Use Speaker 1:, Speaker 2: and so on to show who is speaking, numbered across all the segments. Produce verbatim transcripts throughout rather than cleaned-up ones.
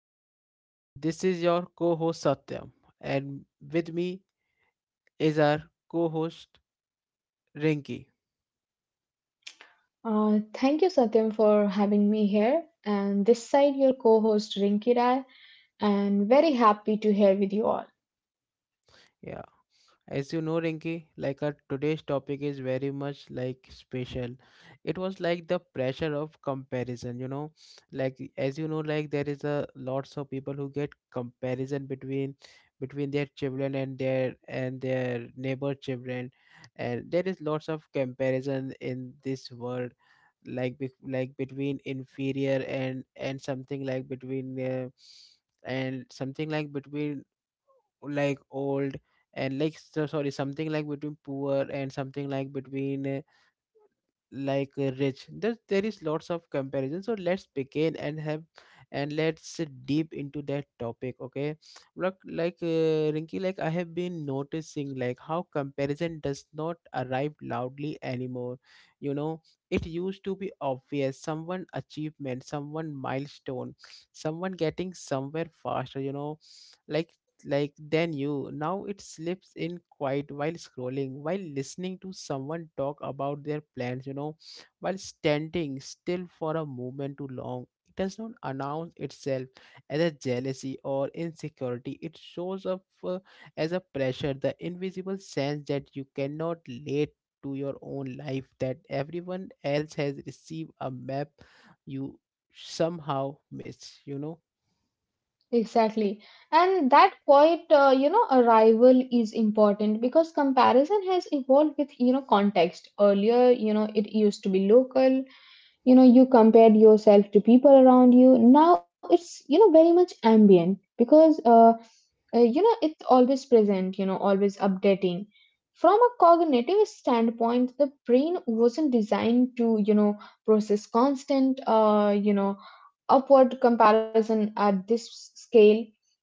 Speaker 1: everyone, this is your co host Satyam, and with me is our co host Rinki.
Speaker 2: Uh, thank you, Satyam, for having me here. And this side, your co host Rinki Rai, and very happy to hear with you all.
Speaker 1: Yeah, as you know, Rinki, like our today's topic is very much like special. It was like the pressure of comparison, you know. Like as you know, like There is a lots of people who get comparison between between their children and their and their neighbor children, and there is lots of comparison in this world, like be, like between inferior and and something like between. Uh, and something like between like old and like so sorry something like between poor and something like between uh, like uh, rich. There, there is lots of comparison, so let's begin and have and let's uh, deep into that topic. Okay, look, like uh, rinky like I have been noticing like how comparison does not arrive loudly anymore you know it used to be obvious: someone achievement, someone milestone, someone getting somewhere faster, you know like like than you. Now it slips in quiet, while scrolling, while listening to someone talk about their plans, you know, while standing still for a moment too long. It does not announce itself as a jealousy or insecurity. It shows up uh, as a pressure, the invisible sense that you cannot relate to your own life, that everyone else has received a map you somehow miss, you know.
Speaker 2: Exactly. And that quiet, uh, you know, arrival is important because comparison has evolved with, you know, context. Earlier, you know, it used to be local, you know, you compared yourself to people around you. Now it's, you know, very much ambient because uh, uh, you know it's always present, you know, always updating. From a cognitive standpoint, the brain wasn't designed to, you know, process constant uh, you know upward comparison at this scale,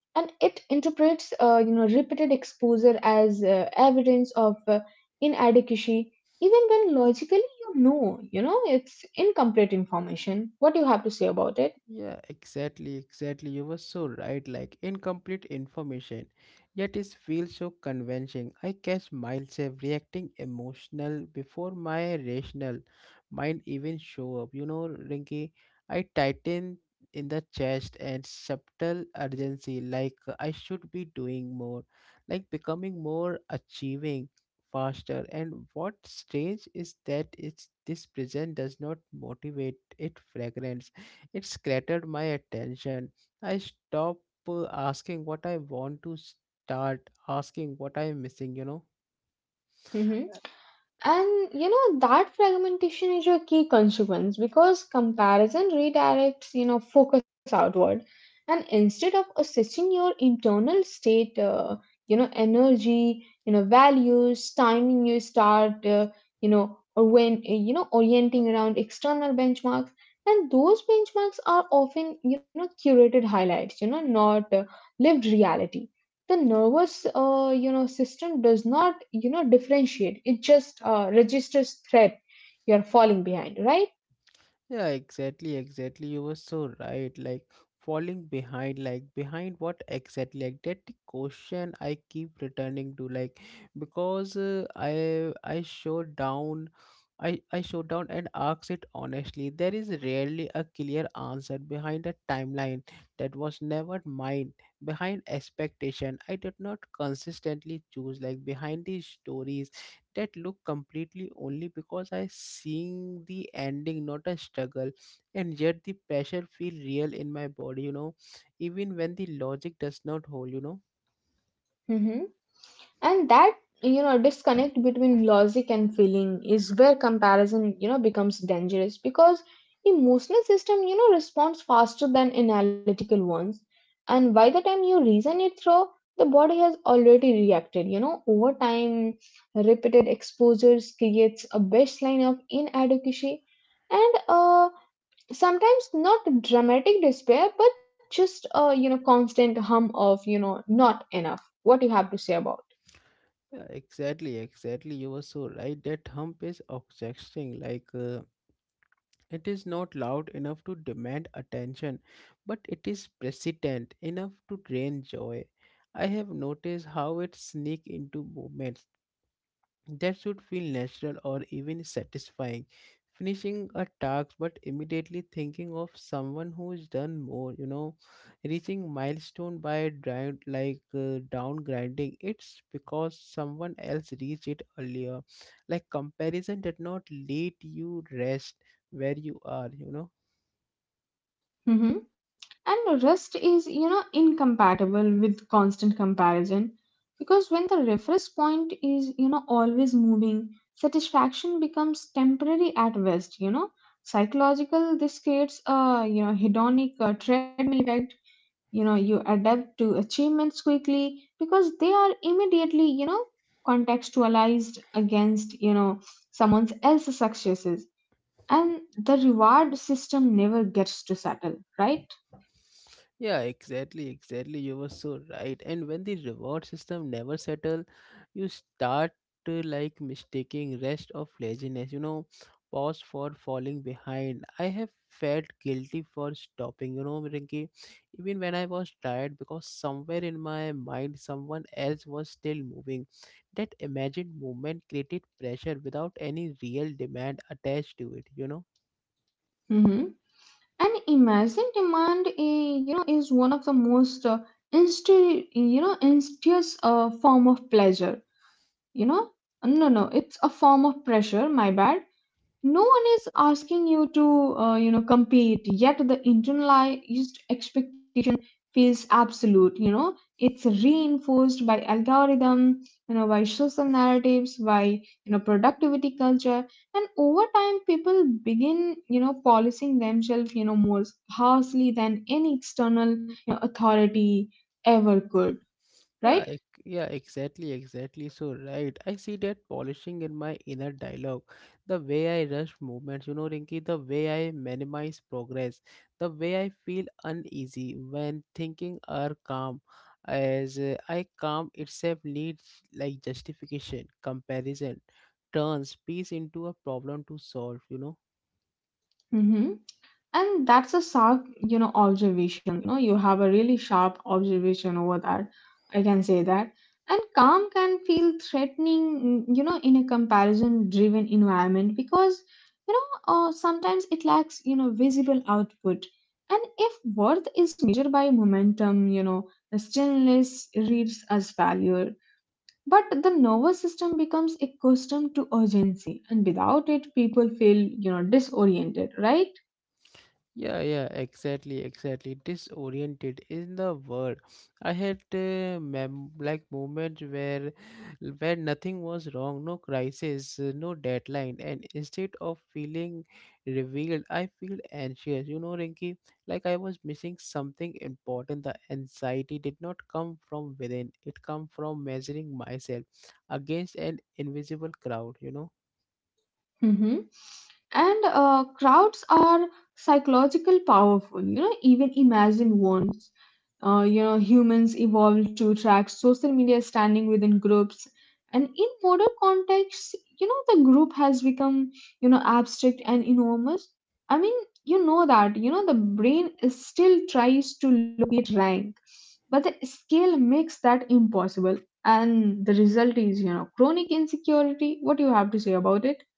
Speaker 2: and it interprets uh, you know repeated exposure as uh, evidence of uh, inadequacy, even when logically, you know you know it's incomplete information. What do you have to say about it?
Speaker 1: Yeah, exactly, exactly. You were so right. Like incomplete information, yet it feels so convincing. I catch myself reacting emotional before my rational mind even show up. You know, Rinky, I tighten in the chest and subtle urgency, like I should be doing more, like becoming more, achieving faster. And what's strange is that it's this present does not motivate, it fragrance, it scattered my attention. I stopped uh, asking what I want to start asking what I'm missing, you know.
Speaker 2: Mm-hmm. And you know that fragmentation is your key consequence because comparison redirects, you know, focus outward, and instead of assessing your internal state, uh, you know, energy, you know, values, timing, you start uh, you know, or when uh, you know, orienting around external benchmarks, and those benchmarks are often, you know, curated highlights, you know, not uh, lived reality. The nervous uh, you know system does not, you know, differentiate. It just uh, registers threat. You're falling behind, right?
Speaker 1: Yeah, exactly, exactly. You were so right. Like falling behind, like behind what exactly? Like that the question I keep returning to, like because uh, I I showed down, I I showed down and asked it honestly. There is rarely a clear answer behind a timeline that was never mine. Behind expectation, I did not consistently choose. Like behind these stories that look completely only because I seeing the ending, not a struggle, and yet the pressure feel real in my body, you know, even when the logic does not hold, you know.
Speaker 2: Hmm. And that, you know, disconnect between logic and feeling is where comparison, you know, becomes dangerous because emotional system, you know, responds faster than analytical ones, and by the time you reason it through, the body has already reacted. You know, over time, repeated exposures creates a baseline of inadequacy, and uh, sometimes not dramatic despair, but just a, you know, constant hum of, you know, not enough. What do you have to say about?
Speaker 1: Yeah, exactly, exactly. You were so right. That hump is obsessing, like uh, it is not loud enough to demand attention, but it is persistent enough to drain joy. I have noticed how it sneak into movements that should feel natural or even satisfying. Finishing a task but immediately thinking of someone who's done more, you know, reaching milestone by drive like uh, down grinding. It's because someone else reached it earlier. Like comparison did not let you rest where you are, you know.
Speaker 2: Mhm. And rest is, you know, incompatible with constant comparison because when the reference point is, you know, always moving, satisfaction becomes temporary at best, you know. Psychological, this creates a, you know, hedonic uh, treadmill effect. You know, you adapt to achievements quickly because they are immediately, you know, contextualized against, you know, someone else's successes. And the reward system never gets to settle, right?
Speaker 1: Yeah, exactly, exactly. You were so right. And when the reward system never settle, you start uh, like mistaking rest of laziness. You know, pause for falling behind. I have felt guilty for stopping. You know, Rinki, even when I was tired, because somewhere in my mind, someone else was still moving. That imagined movement created pressure without any real demand attached to it. You know.
Speaker 2: Mm-hmm. And imagine demand, eh, you know, is one of the most uh, insti- you know, insidious uh, form of pleasure. You know, no, no, it's a form of pressure. My bad. No one is asking you to, uh, you know, compete. Yet the internalized expectation feels absolute. You know, it's reinforced by algorithm, you know, by social narratives, by, you know, productivity culture, and over time people begin, you know, policing themselves, you know, more harshly than any external, you know, authority ever could,
Speaker 1: Yeah,
Speaker 2: right?
Speaker 1: ec- yeah, exactly, exactly. So, right, I see that polishing in my inner dialogue, the way I rush movements, you know, Rinki. The way I minimize progress, the way I feel uneasy when thinking are calm, as uh, I calm itself needs like justification. Comparison turns peace into a problem to solve, you know.
Speaker 2: Hmm. And that's a sharp, you know, observation. You know, you have a really sharp observation over that. I can say that. And calm can feel threatening, mm, you know, in a comparison driven environment because, you know, uh, sometimes it lacks, you know, visible output. And if worth is measured by momentum, you know, stillness reads as failure. But the nervous system becomes accustomed to urgency, and without it, people feel, you know, disoriented, right?
Speaker 1: Yeah, yeah, exactly, exactly. Disoriented is the word. I had uh, mem like moments where where nothing was wrong, no crisis, uh, no deadline, and instead of feeling revealed, I feel anxious. You know, Rinky, like I was missing something important. The anxiety did not come from within; it come from measuring myself against an invisible crowd. You know.
Speaker 2: Mhm. And uh, crowds are psychological powerful. You know, even imagine ones. Uh, you know, humans evolved to track social media standing within groups, and in modern contexts, you know, the group has become, you know, abstract and enormous. I mean, you know that you know the brain is still tries to locate rank, but the scale makes that impossible, and the result is, you know, chronic insecurity. What do you have to say about it?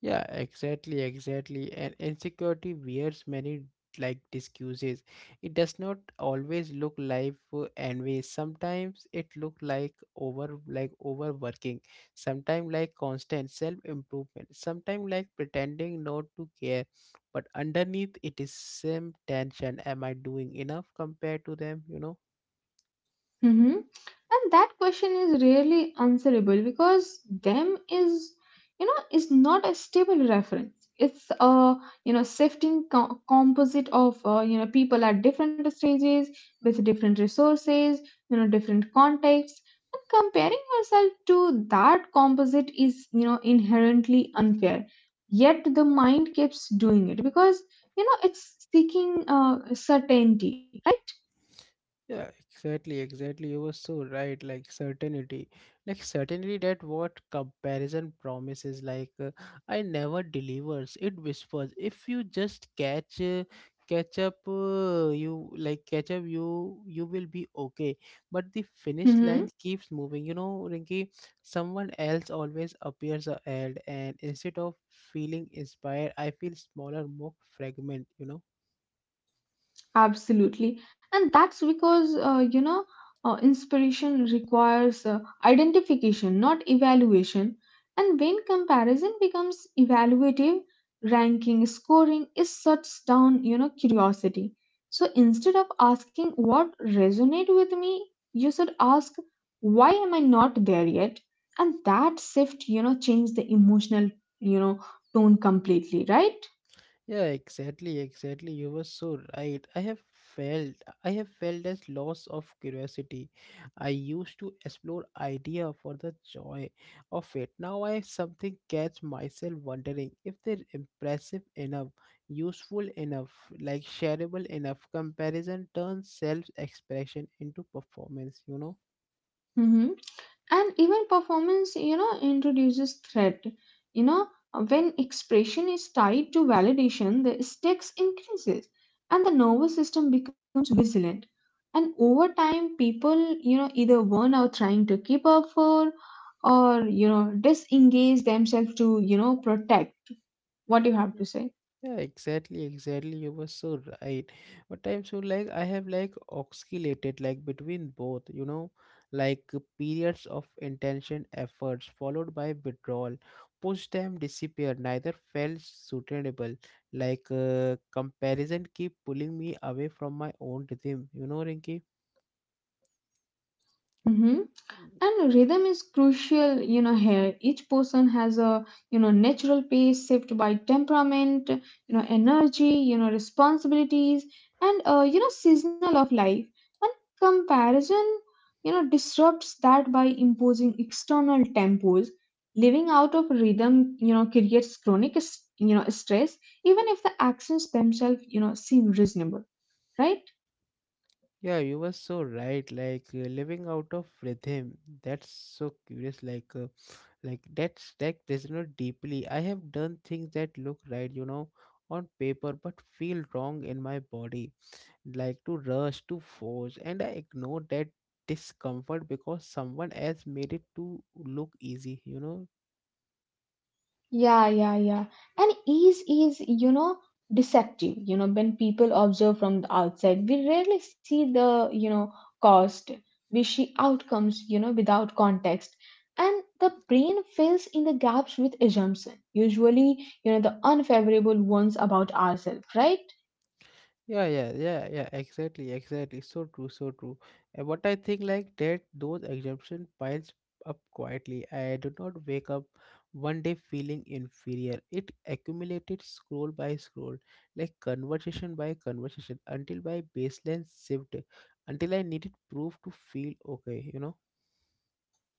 Speaker 1: Yeah, exactly, exactly. And insecurity wears many like disguises. It does not always look like uh, envy. Sometimes it look like over like overworking. Sometimes like constant self-improvement. Sometimes like pretending not to care. But underneath it is same tension. Am I doing enough compared to them? You know?
Speaker 2: Hmm. And that question is really answerable because them is, you know, is not a stable reference. It's a, you know, shifting co- composite of, uh, you know, people at different stages with different resources, you know, different contexts. And comparing yourself to that composite is, you know, inherently unfair. Yet the mind keeps doing it because, you know, it's seeking uh, certainty. Right.
Speaker 1: Yeah, exactly, exactly. You were so right. Like certainty, like certainty that what comparison promises, like uh, I never delivers. It whispers. If you just catch, uh, catch up, uh, you like catch up. You you will be okay. But the finish
Speaker 2: Hmm.
Speaker 1: line keeps moving. You know, Rinky, someone else always appears ahead, and instead of feeling inspired, I feel smaller, more fragment. You know.
Speaker 2: Absolutely. And that's because, uh, you know, uh, inspiration requires uh, identification, not evaluation. And when comparison becomes evaluative, ranking, scoring is shuts down, you know, curiosity. So instead of asking what resonate with me, you should ask, why am I not there yet? And that shift, you know, changed the emotional, you know, tone completely, right?
Speaker 1: Yeah, exactly, exactly. You were so right. I have felt I have felt this loss of curiosity. I used to explore idea for the joy of it. Now I something catch myself wondering if they're impressive enough, useful enough, like shareable enough. Comparison turns self expression into performance, you know?
Speaker 2: Hmm. And even performance, you know, introduces threat. You know, when expression is tied to validation, the stakes increases and the nervous system becomes vigilant. And over time, people, you know, either burn out trying to keep up for, or, you know, disengage themselves to, you know, protect. What you have to say?
Speaker 1: Yeah, exactly, exactly. You were so right. But I'm so like I have like oscillated like between both, you know, like uh, periods of intention efforts followed by withdrawal. Post time disappeared, neither felt suitable. Like uh, comparison keep pulling me away from my own rhythm, you know, Rinky.
Speaker 2: Mm-hmm. And rhythm is crucial, you know, here. Each person has a, you know, natural pace shaped by temperament, you know, energy, you know, responsibilities, and, uh, you know, seasonal of life. And comparison, you know, disrupts that by imposing external tempos. Living out of rhythm, you know, creates chronic, s- you know, stress, even if the actions themselves, you know, seem reasonable, right?
Speaker 1: Yeah, you were so right. Like uh, living out of rhythm. That's so curious. Like uh, like that stack does not deeply. I have done things that look right, you know, on paper but feel wrong in my body, like to rush, to force, and I ignore that discomfort because someone else made it to look easy, you know.
Speaker 2: Yeah, yeah, yeah. And ease is, you know, deceptive. You know, when people observe from the outside, we rarely see the, you know, cost. We see outcomes, you know, without context. And the brain fills in the gaps with assumption, usually, you know, the unfavorable ones about ourselves, right?
Speaker 1: Yeah, yeah, yeah, yeah, exactly, exactly. So true, so true. And what I think, like that those exemption piles up quietly. I do not wake up one day feeling inferior. It accumulated scroll by scroll, like conversation by conversation, until my baseline shifted, until I needed proof to feel okay, you know.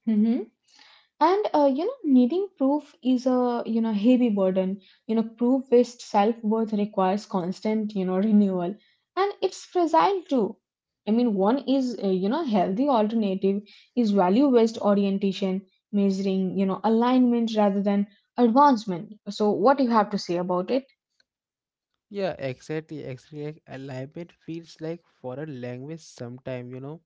Speaker 2: Hmm. And uh, you know, needing proof is a, you know, heavy burden. You know, proof based self worth requires constant, you know, renewal, and it's fragile too. I mean, one is uh, you know, healthy alternative is value based orientation, measuring, you know, alignment rather than advancement. So what do you have to say about it?
Speaker 1: Yeah, exactly, exactly. Like alignment feels like foreign language sometime, you know.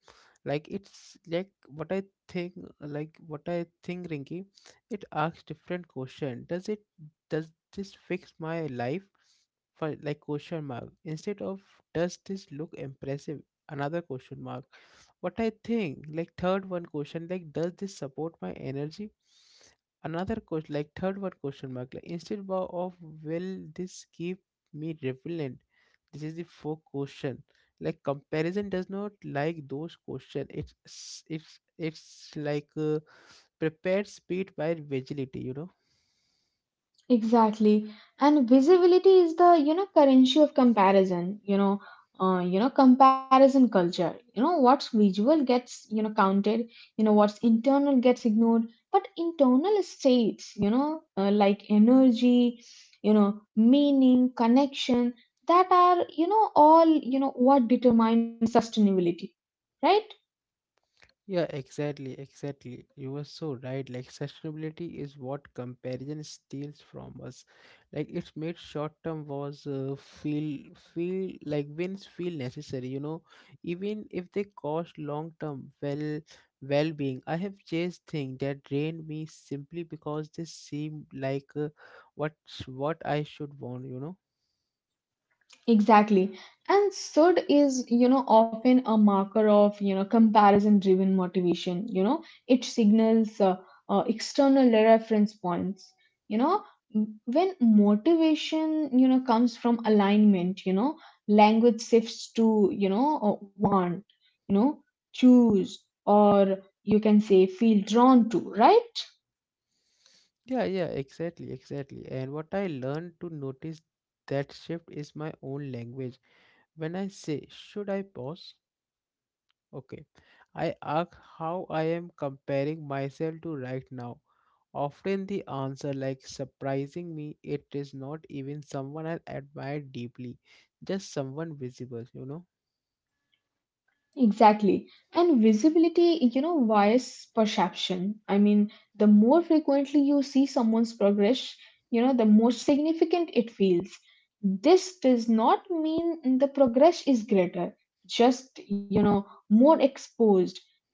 Speaker 1: Like it's like what I think like what I think, Rinky, it asks different question. Does it does this fix my life? For like question mark. Instead of, does this look impressive? Another question mark. What I think, like third one question, like does this support my energy? Another question, like third one question mark, like instead bo- of will this keep me relevant? This is the fourth question. Like comparison does not like those questions. It's it's it's like uh, prepared speed by vigility, you know.
Speaker 2: Exactly. And visibility is the, you know, currency of comparison, you know, uh, you know, comparison culture. You know, what's visual gets, you know, counted, you know, what's internal gets ignored, but internal states, you know, uh, like energy, you know, meaning, connection, that are, you know, all, you know, what determines sustainability, right?
Speaker 1: Yeah, exactly, exactly. You were so right. Like sustainability is what comparison steals from us. Like it's made short-term wars uh, feel feel like wins feel necessary. You know, even if they cost long-term well well-being. I have chased things that drained me simply because they seemed like uh, what what I should want. You know.
Speaker 2: Exactly. And S U D is, you know, often a marker of, you know, comparison driven motivation. You know, it signals uh, uh, external reference points. You know, m- when motivation, you know, comes from alignment, you know, language shifts to, you know, uh, want, you know, choose, or you can say feel drawn to, right?
Speaker 1: Yeah, yeah, exactly, exactly. And what I learned to notice that shift is my own language. When I say, should I pause? Okay. I ask how I am comparing myself to right now. Often the answer, like surprising me, it is not even someone I admire deeply, just someone visible, you know.
Speaker 2: Exactly. And visibility, you know, wires perception. I mean, the more frequently you see someone's progress, you know, the more significant it feels. This does not mean the progress is greater, just, you know, more exposed.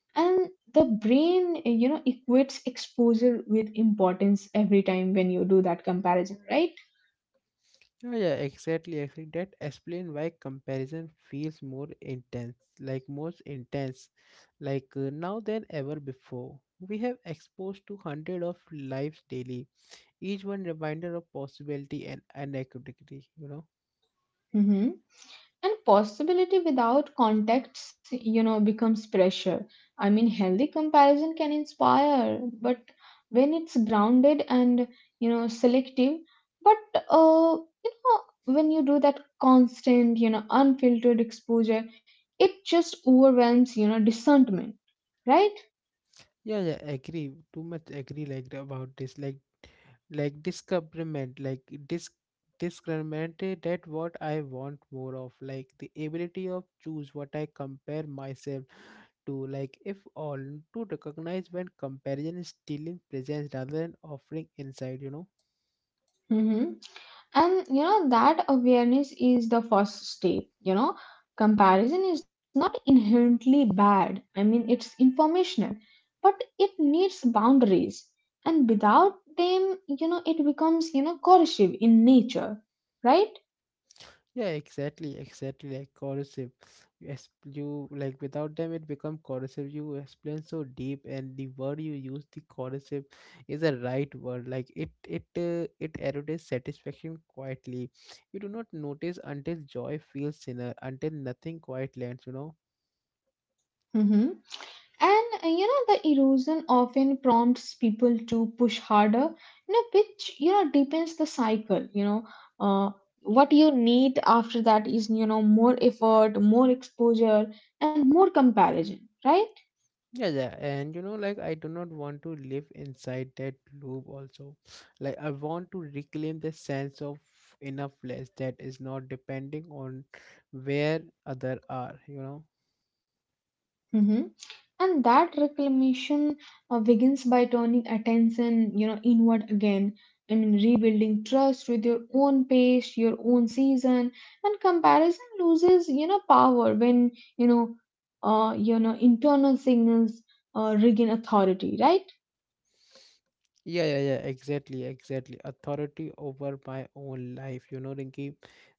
Speaker 2: And the brain, you know, equates exposure with importance every time when you do that comparison, right?
Speaker 1: Yeah, yeah, exactly, exactly. That explains why comparison feels more intense, like most intense, like uh, now than ever before. We have exposed to hundred of lives daily, each one reminder of possibility and inequity, you know.
Speaker 2: Mm-hmm. And possibility without context, you know, becomes pressure. I mean, healthy comparison can inspire, but when it's grounded and, you know, selective, but, uh, you know, when you do that constant, you know, unfiltered exposure, it just overwhelms, you know, discernment. Right.
Speaker 1: Yeah, yeah, agree, too much agree, like the- about this, like like discoverment like dis discriminate that what I want more of, like the ability of choose what I compare myself to, like if all to recognize when comparison is stealing presence rather than offering insight, you know.
Speaker 2: Mm-hmm. And you know that awareness is the first step. You know, comparison is not inherently bad. I mean, it's informational, but it needs boundaries, and without them, you know, it becomes, you know, coercive in nature, right?
Speaker 1: Yeah, exactly, exactly, like corrosive. You, ex- you like without them it become corrosive. You explain so deep, and the word you use, the corrosive, is a right word. Like it, it, uh, it erodes satisfaction quietly. You do not notice until joy feels thinner, until nothing quite lands. You know.
Speaker 2: Mm-hmm. And uh, you know, the erosion often prompts people to push harder, you know, which, you know, deepens the cycle. You know, uh, what you need after that is, you know, more effort, more exposure, and more comparison, right?
Speaker 1: Yeah, yeah, and you know, like I do not want to live inside that loop also. Like I want to reclaim the sense of enoughness that is not depending on where other are, you know.
Speaker 2: Mm-hmm. And that reclamation uh, begins by turning attention, you know, inward again. I mean, rebuilding trust with your own pace, your own season, and comparison loses, you know, power when, you know, uh, you know, internal signals uh, regain authority, right?
Speaker 1: Yeah, yeah, yeah, exactly, exactly. Authority over my own life, you know, Rinki.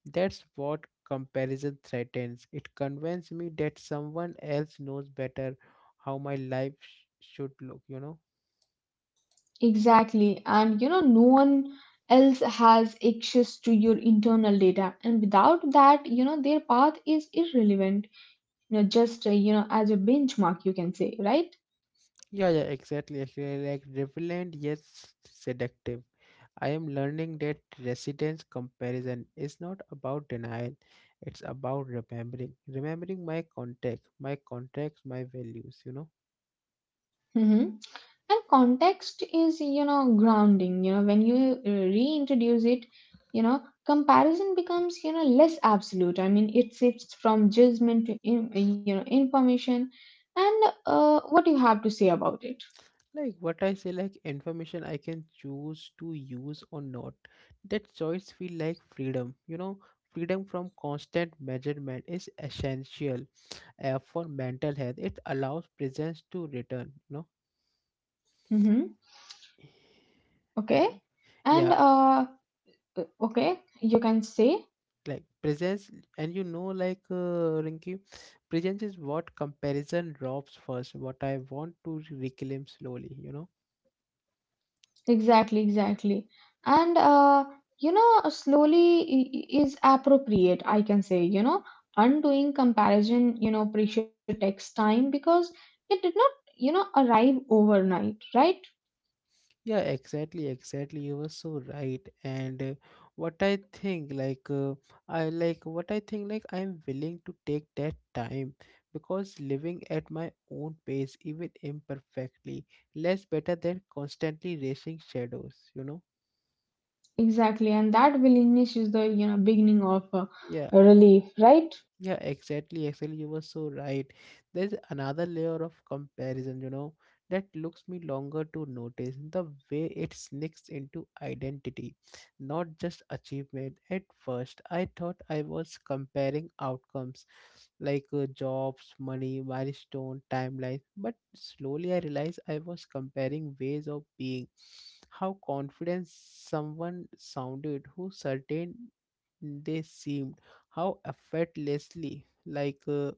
Speaker 1: That's what comparison threatens. It convinces me that someone else knows better how my life sh should look, you know.
Speaker 2: Exactly. And you know, no one else has access to your internal data. And without that, you know, their path is irrelevant. You know, just, uh, you know, as a benchmark, you can say, right?
Speaker 1: Yeah, yeah, exactly. Actually, like relevant yet seductive. I am learning that residence comparison is not about denial, it's about remembering. Remembering my context, my context, my values, you know.
Speaker 2: Mm-hmm. And context is, you know, grounding. You know, when you uh, reintroduce it, you know, comparison becomes, you know, less absolute. I mean, it shifts from judgment to, in, you know, information. And uh, what you have to say about it.
Speaker 1: Like what I say, like information I can choose to use or not. That choice feel like freedom, you know. Freedom from constant measurement is essential uh, for mental health. It allows presence to return, you know.
Speaker 2: Mm-hmm. Okay. And,
Speaker 1: Yeah,
Speaker 2: uh, uh, okay, you can say.
Speaker 1: like presence. And, you know like, uh, Rinky, presence is what comparison drops first, what I want to reclaim slowly you know
Speaker 2: Exactly, exactly. And uh, you know, slowly i- i- is appropriate, I can say, you know, undoing comparison, you know, pressure takes time because it did not, you know, arrive overnight, right?
Speaker 1: Yeah, exactly, exactly, you were so right. And uh, what I think, like, uh, I like what I think, like, I'm willing to take that time because living at my own pace, even imperfectly, less better than constantly racing shadows you know
Speaker 2: Exactly. And that willingness is the, you know, beginning of uh,
Speaker 1: Yeah,
Speaker 2: relief, right?
Speaker 1: Yeah, exactly. Actually, you were so right. There's another layer of comparison, you know, that looks me longer to notice the way it sneaks into identity, not just achievement. At first, I thought I was comparing outcomes, like, uh, jobs, money, milestone, timelines. But slowly I realized I was comparing ways of being, how confident someone sounded, who certain they seemed, how effortlessly, like, uh,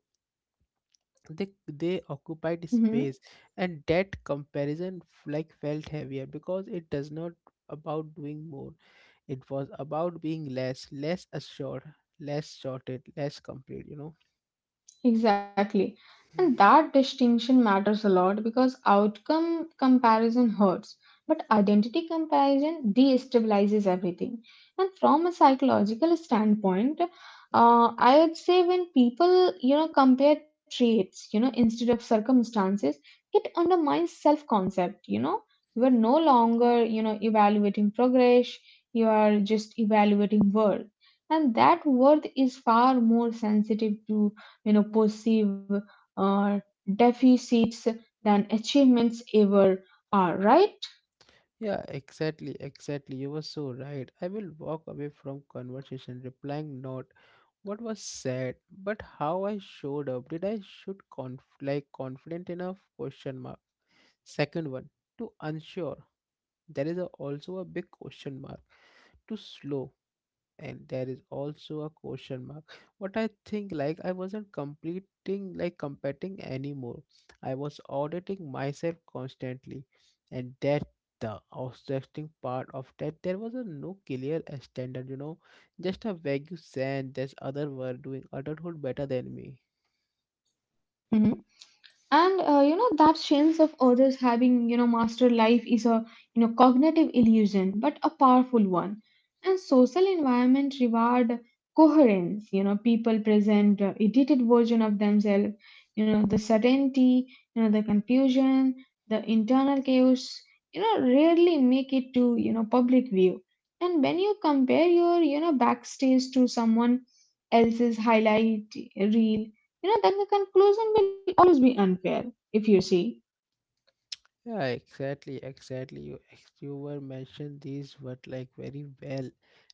Speaker 1: they they occupied
Speaker 2: Mm-hmm.
Speaker 1: space. And that comparison, f- like, felt heavier because it does not about doing more. It was about being less, less assured, less shorted, less complete you know
Speaker 2: Exactly. And that distinction matters a lot because outcome comparison hurts, but identity comparison destabilizes everything. And from a psychological standpoint, uh, I would say when people, you know, compare traits, you know, instead of circumstances, it undermines self-concept, you know. You are no longer, you know, evaluating progress, you are just evaluating worth. And that worth is far more sensitive to, you know, perceive uh, deficits than achievements ever are, right?
Speaker 1: Yeah, exactly, exactly, you were so right. I will walk away from conversation replying not what was said but how I showed up. Did I should conf- like confident enough, question mark? Second one, to unsure. There is a, also a big question mark, to slow. And there is also a question mark. What I think, like, I wasn't completing like competing anymore. I was auditing myself constantly. And that, the outstretching part of that, there was a no clear standard you know Just a vague sense that other were doing adulthood better than me.
Speaker 2: Mhm. and uh, you know that sense of others having you know master life is a you know cognitive illusion but a powerful one. And social environment reward coherence. You know people present uh, edited version of themselves. You know the certainty, you know the confusion, the internal chaos you know rarely make it to you know public view. And when you compare your you know backstage to someone else's highlight reel, you know then the conclusion will always be unfair, if you see.
Speaker 1: Yeah, exactly, exactly. You ex- you were mentioned these word, like, very well,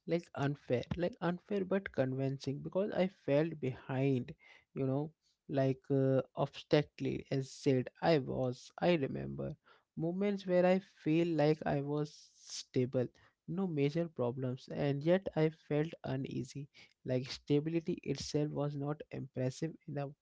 Speaker 1: like unfair, like unfair but convincing because I felt behind, you know, like, uh, obstinately as said I was. I remember moments where I feel like I was stable, no major problems, and yet I felt uneasy. Like stability itself was not impressive enough.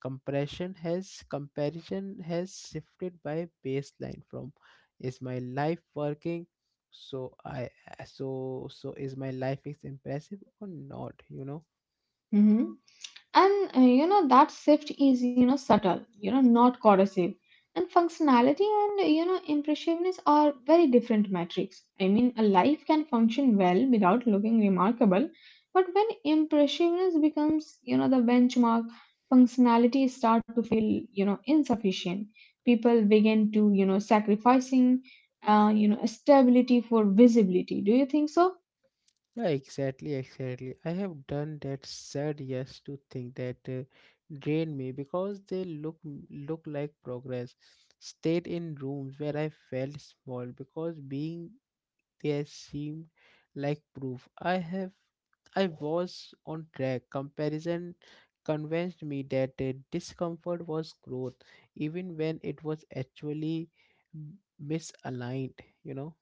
Speaker 1: Compression has comparison has shifted by baseline from, is my life working? So I, uh, so so, is my life is impressive or not you know
Speaker 2: Hmm and uh, you know that shift is you know subtle, you know not corrosive. And functionality and uh, you know impressiveness are very different metrics. I mean, a life can function well without looking remarkable, but when impressiveness becomes you know the benchmark, functionality start to feel you know insufficient. People begin to you know sacrificing uh, you know stability for visibility, do you think so?
Speaker 1: Yeah, exactly, exactly. I have done that, said yes to think that uh, drain me because they look look like progress. Stayed in rooms where I felt small because being there seemed like proof I have I was on track. Comparison convinced me that uh, discomfort was growth, even when it was actually m- misaligned, you know.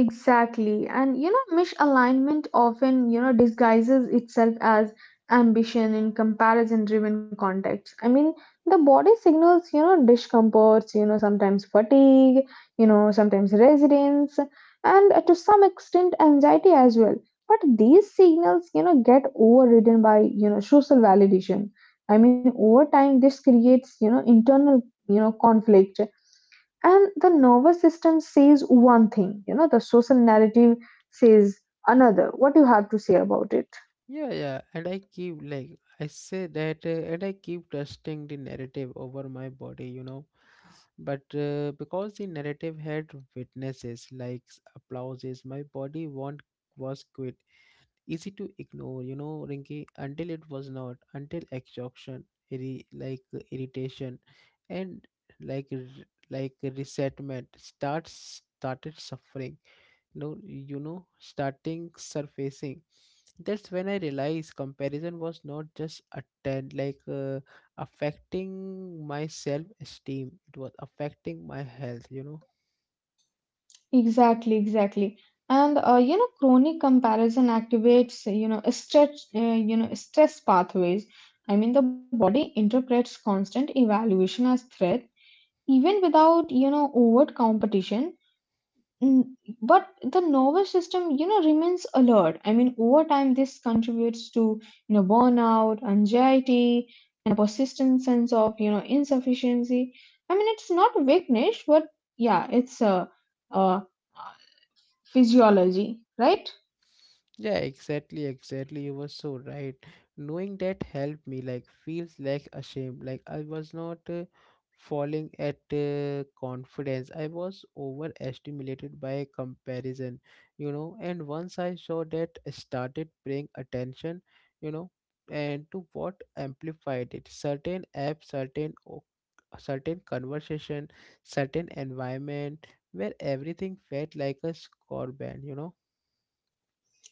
Speaker 2: Exactly. And you know, misalignment often, you know, disguises itself as ambition in comparison-driven contexts. I mean, the body signals, you know, discomforts, you know, sometimes fatigue, you know, sometimes resilience, and uh, to some extent anxiety as well. But these signals, you know, get overridden by, you know, social validation. I mean, over time, this creates, you know, internal, you know, conflict. And the nervous system says one thing, you know, the social narrative says another. What do you have to say about it?
Speaker 1: Yeah, yeah, and I keep, like, I say that, uh, and I keep trusting the narrative over my body, you know. But uh, because the narrative had witnesses like s- applauses, my body want was quit. Easy to ignore, you know, Rinki, until it was not, until exhaustion, irri- like, uh, irritation, and like r- like resentment starts started suffering. You you know, starting surfacing. That's when I realized comparison was not just attend like, uh, affecting my self esteem. It was affecting my health. You know.
Speaker 2: Exactly, exactly. And uh, you know, chronic comparison activates you know stress uh, you know stress pathways. I mean, the body interprets constant evaluation as threat, even without you know overt competition. Mm, but the nervous system you know remains alert. I mean, over time this contributes to you know burnout, anxiety, and a persistent sense of you know insufficiency. I mean, it's not weakness, but yeah, it's a, a physiology, right?
Speaker 1: Yeah, exactly, exactly. You were so right. Knowing that helped me, like, feels like a shame. Like, I was not uh, falling at uh, confidence. I was overstimulated by comparison, you know. And once I saw that, I started paying attention, you know, and to what amplified it. Certain apps, certain o- certain conversation, certain environment where everything felt like a score band, you know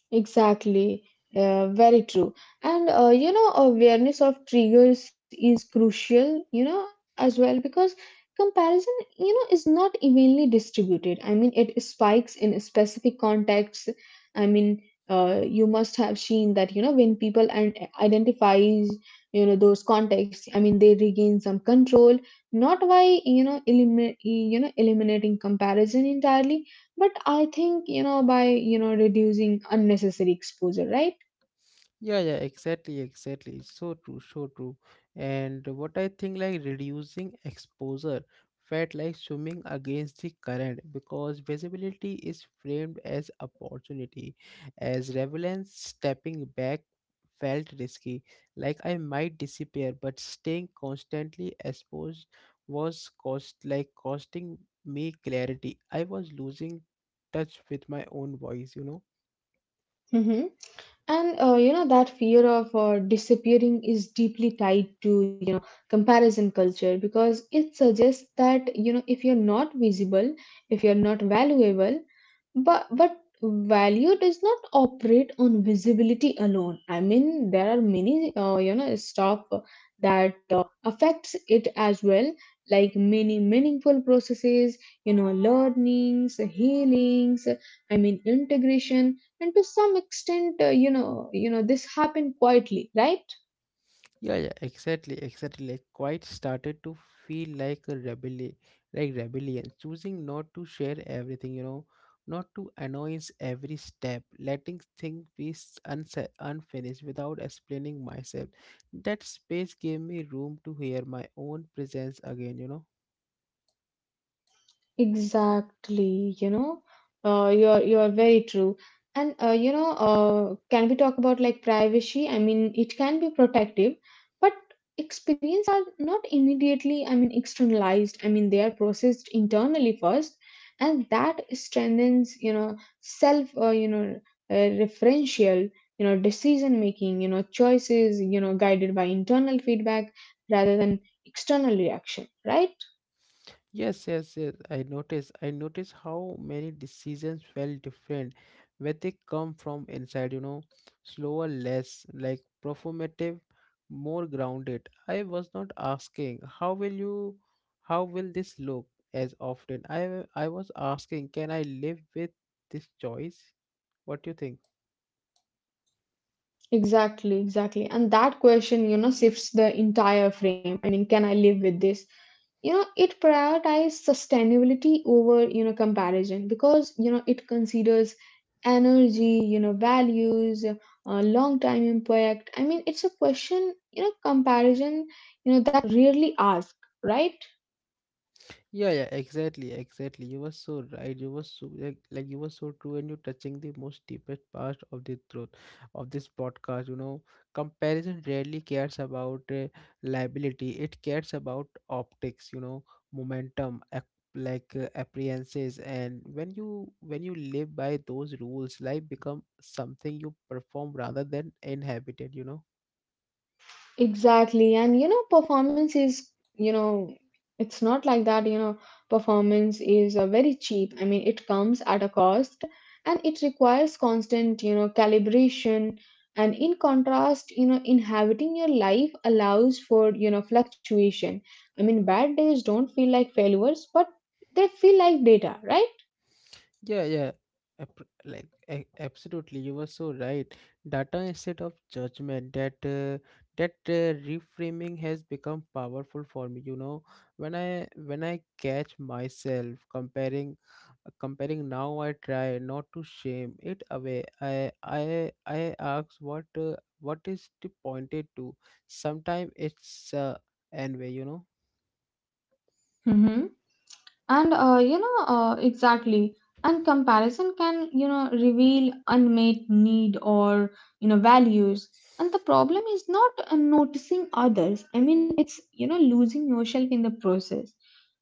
Speaker 2: Exactly, uh, very true. And uh, you know, awareness of triggers is crucial, you know, as well, because comparison, you know, is not evenly distributed. I mean, it spikes in specific contexts. I mean, uh, you must have seen that, you know, when people and identifies, you know, those contexts, I mean, they regain some control, not by, you know, elimin you know, eliminating comparison entirely, but I think, you know, by, you know, reducing unnecessary exposure, right?
Speaker 1: Yeah, yeah, exactly, exactly. So true, so true. And what I think, like, reducing exposure felt like swimming against the current because visibility is framed as opportunity, as relevance. Stepping back felt risky, like I might disappear, but staying constantly exposed was cost like costing me clarity. I was losing touch with my own voice, you know.
Speaker 2: Hmm and uh, you know that fear of uh, disappearing is deeply tied to you know comparison culture, because it suggests that, you know, if you're not visible, if you're not valuable. But but value does not operate on visibility alone. I mean, there are many uh, you know stuff that affects it as well, like many meaningful processes, you know learnings, healings. I mean, integration and to some extent uh, you know you know this happened quietly, right?
Speaker 1: Yeah, yeah, exactly, exactly. Like quite started to feel like a rebellion, like rebellion, choosing not to share everything, you know, not to annoyance every step, letting things be s- unsa unfinished without explaining myself. That space gave me room to hear my own presence again, you know.
Speaker 2: Exactly, you know, uh, you're you're very true. And uh, you know, uh, can we talk about like privacy? I mean, it can be protective, but experiences are not immediately, I mean, externalized. I mean, they are processed internally first, and that strengthens, you know, self, uh, you know, uh, referential, you know, decision making, you know, choices, you know, guided by internal feedback rather than external reaction, right?
Speaker 1: Yes, yes, yes. I notice. I notice how many decisions felt different when they come from inside, you know, slower, less, like, performative, more grounded. I was not asking, how will you how will this look, as often. I I was asking, can I live with this choice? What do you think?
Speaker 2: Exactly, exactly. And that question, you know, shifts the entire frame. I mean, can I live with this? You know, it prioritizes sustainability over, you know, comparison because, you know, it considers energy, you know, values, uh, long time impact. I mean, it's a question, you know, comparison, you know, that rarely asked, right?
Speaker 1: Yeah, yeah, exactly, exactly. You were so right. You were so, like, like you were so true, and you're touching the most deepest part of the truth of this podcast. You know, comparison rarely cares about uh, liability. It cares about optics. You know, momentum, ap- like, uh, appearances, and when you when you live by those rules, life become something you perform rather than inhabited. You know.
Speaker 2: Exactly. And you know, performance is, you know, it's not like that, you know, performance is uh, very cheap. I mean, it comes at a cost and it requires constant, you know, calibration. And in contrast, you know, inhabiting your life allows for, you know, fluctuation. I mean, bad days don't feel like failures, but they feel like data, right?
Speaker 1: Yeah, yeah, ap- like, a- absolutely. You were so right. Data instead of judgment. That uh, that uh, reframing has become powerful for me. You know, when I when I catch myself comparing uh, comparing now, I try not to shame it away. I I I ask what, uh, what is the pointed to. Sometimes it's uh, envy. You know.
Speaker 2: hmm And uh, you know, uh, exactly. And comparison can, you know, reveal unmet need or, you know, values. And the problem is not uh, noticing others. I mean, it's, you know, losing yourself in the process.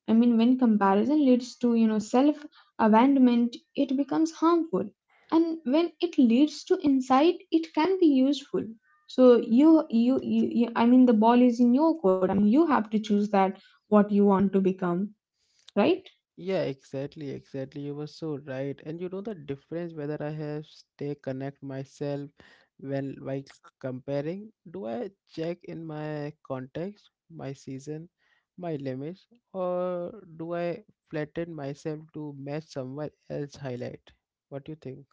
Speaker 2: I mean, when comparison leads to, you know, self abandonment, it becomes harmful. And when it leads to insight, it can be useful. So you, you, you, you, I mean, the ball is in your court. I mean, you have to choose that what you want to become, right?
Speaker 1: Yeah, exactly, exactly. You were so right. And you know the difference whether I have stay connect myself when while comparing, do I check in my context, my season, my limits, or do I flatten myself to match someone else highlight? What do you think?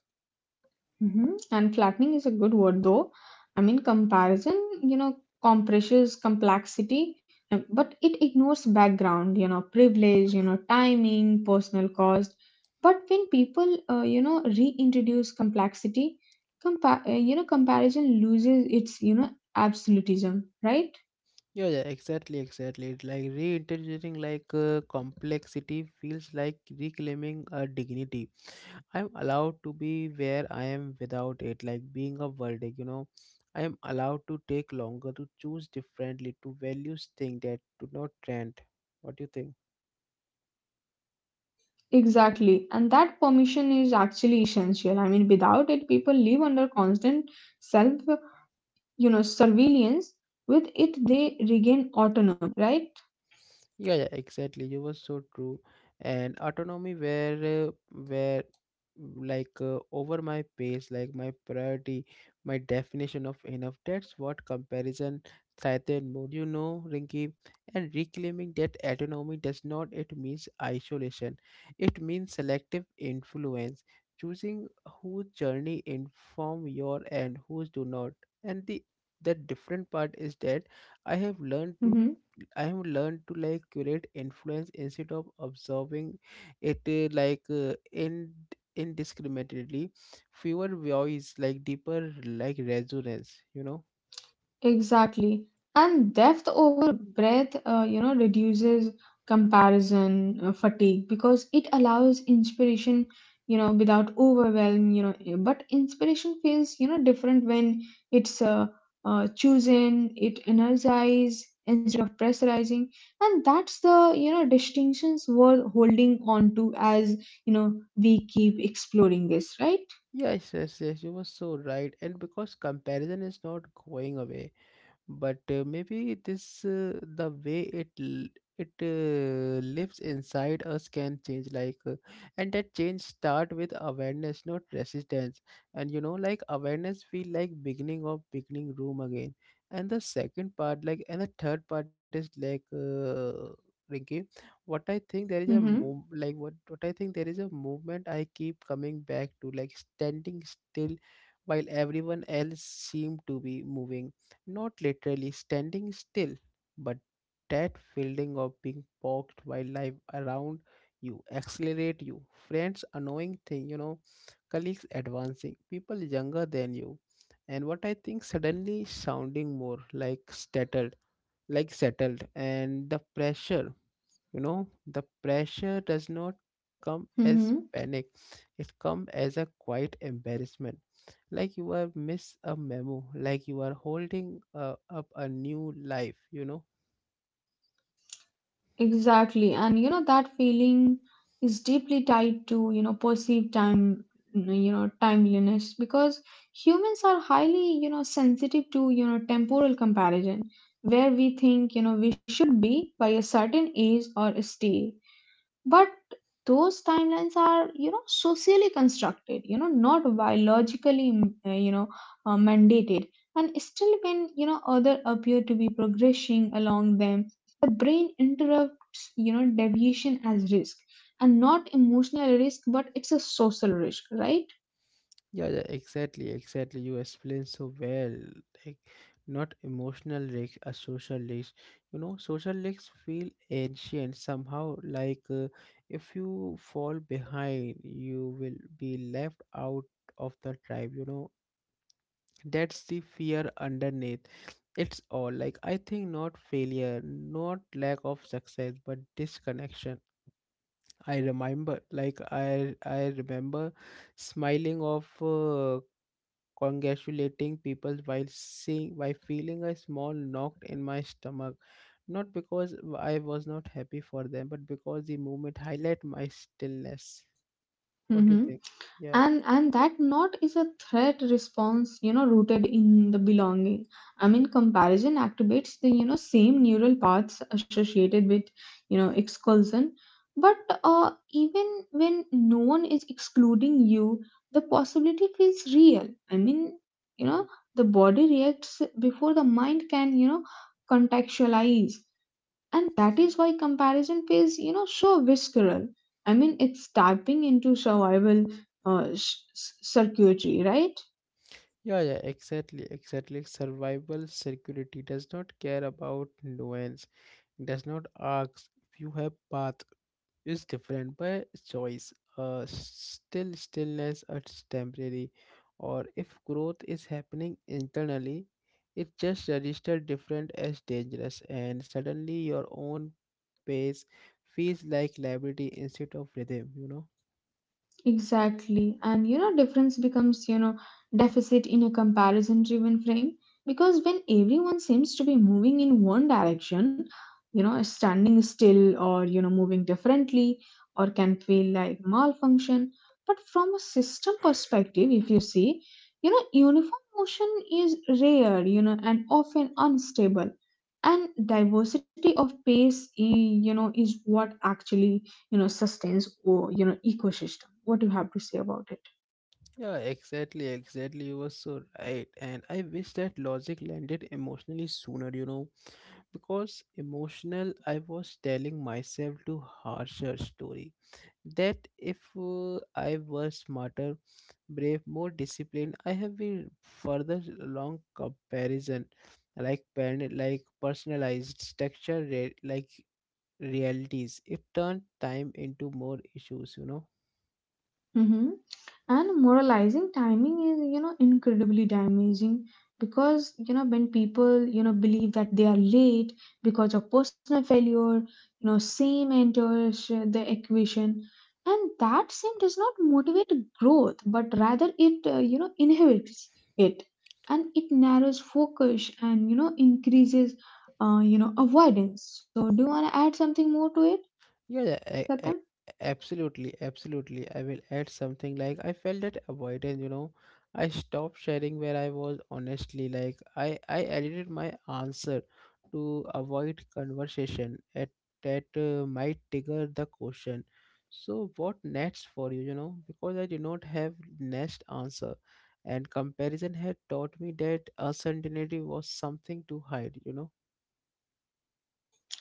Speaker 2: Mm-hmm. And flattening is a good word, though. I mean, comparison, you know, compresses complexity, uh, but it ignores background, you know, privilege, you know, timing, personal cost. But when people, uh, you know, reintroduce complexity, compa- uh, you know, comparison loses its, you know, absolutism, right?
Speaker 1: Yeah, yeah, exactly, exactly. It's like reintroducing, like, uh, complexity feels like reclaiming a dignity. I'm allowed to be where I am without it, like being a verdict, you know. I am allowed to take longer, to choose differently, to value things that do not trend. What do you think?
Speaker 2: Exactly. And that permission is actually essential. I mean, without it, people live under constant self, you know, surveillance. With it, they regain autonomy, right?
Speaker 1: Yeah, yeah, exactly. You were so true. And autonomy where, uh, where, mm, like, uh, over my pace, like my priority, my definition of enough. That's what comparison threatened mode, you know, Rinky. And reclaiming that autonomy does not it means isolation. It means selective influence, choosing whose journey inform your and whose do not. And the the different part is that I have learned to
Speaker 2: hmm
Speaker 1: I have learned to, like, curate influence instead of observing it, uh, like, uh, in indiscriminately. Fewer voice, like deeper, like resonance. You know.
Speaker 2: Exactly. And depth over breadth, uh, you know, reduces comparison uh, fatigue, because it allows inspiration, you know, without overwhelm, you know. eh, But inspiration feels, you know, different when it's uh, uh, chosen, it energizes instead of pressurizing. And that's the, you know, distinctions worth holding on to as, you know, we keep exploring this, right?
Speaker 1: Yes, yes, yes. You were so right. And because comparison is not going away, but uh, maybe this, uh, the way it l- it uh, lives inside us can change, like, uh, and that change start with awareness, not resistance. And, you know, like, awareness feel like beginning of beginning room again. And the second part, like, and the third part is, like, uh, Rinky, what I think, there is a move
Speaker 2: Mm-hmm.
Speaker 1: like what what I think, there is a movement I keep coming back to, like, standing still, while everyone else seem to be moving, not literally standing still, but that feeling of being poked by life around you, accelerate you, friends annoying thing, you know, colleagues advancing, people younger than you. And what I think suddenly sounding more like settled, like settled, and the pressure, you know the pressure does not come as
Speaker 2: Mm-hmm.
Speaker 1: panic. It comes as a quiet embarrassment, like you are miss a memo, like you are holding uh, up a new life, you know
Speaker 2: Exactly. And you know, that feeling is deeply tied to, you know, perceived time, you know, timeliness, because humans are highly, you know, sensitive to, you know, temporal comparison, where we think, you know, we should be by a certain age or stage. But those timelines are, you know, socially constructed, you know, not biologically mm, uh, you know uh, mandated. And still when, you know, other appear to be progressing along them, the brain interrupts, you know, deviation as risk. And not emotional risk, but it's a social risk, right?
Speaker 1: Yeah, yeah, exactly, exactly, you explain so well, like, not emotional risks, a social risk. You know, social risks feel ancient somehow, like, uh, if you fall behind you will be left out of the tribe, you know, that's the fear underneath. It's all, like, I think, not failure, not lack of success but disconnection. I remember like i i remember smiling off, uh, congratulating people, while seeing while feeling a small knock in my stomach, not because I was not happy for them but because the moment highlight my stillness. What do you
Speaker 2: Mhm.
Speaker 1: think? Yeah.
Speaker 2: And and that not is a threat response, you know, rooted in the belonging. I mean, comparison activates the, you know, same neural paths associated with you know expulsion. But uh, even when no one is excluding you, the possibility feels real. I mean, you know, the body reacts before the mind can, you know, contextualize. And that is why comparison feels, you know, so visceral. I mean, it's tapping into survival uh, sh- s- circuitry, right?
Speaker 1: Yeah, yeah, exactly, exactly. Survival security does not care about nuance. It does not ask if you have path is different by choice. Uh, still stillness is temporary, or if growth is happening internally, it just registers different as dangerous, and suddenly your own pace feels like liberty instead of rhythm. You know.
Speaker 2: Exactly. And you know, difference becomes, you know, deficit in a comparison driven frame, because when everyone seems to be moving in one direction, you know, standing still or, you know, moving differently or can feel like malfunction. But from a system perspective, if you see, you know, uniform motion is rare, you know, and often unstable. And diversity of pace, eh, you know, is what actually, you know, sustains or, you know, ecosystem. What do you have to say about it?
Speaker 1: Yeah, exactly, exactly. You were so right. And I wish that logic landed emotionally sooner, you know, because emotional, I was telling myself to harsher story. That if, uh, I were smarter, brave, more disciplined, I have been further along comparison, like pen, like personalized texture, re- like realities. It turned time into more issues, you know.
Speaker 2: Hmm And moralizing timing is, you know, incredibly damaging, because, you know, when people, you know, believe that they are late because of personal failure, you know, same enters uh, the equation. And that same does not motivate growth, but rather it uh, you know inhibits it. And it narrows focus and, you know, increases uh, you know avoidance. So do you want to add something more to it,
Speaker 1: Yeah, I,
Speaker 2: Satyam?
Speaker 1: I, absolutely, absolutely. I will add something, like, I felt that avoidance, you know, I stopped sharing where I was honestly. Like I, I edited my answer to avoid conversation at that, uh, might trigger the question. So what next for you, you know, because I did not have next answer. And comparison had taught me that uncertainty was something to hide, you know.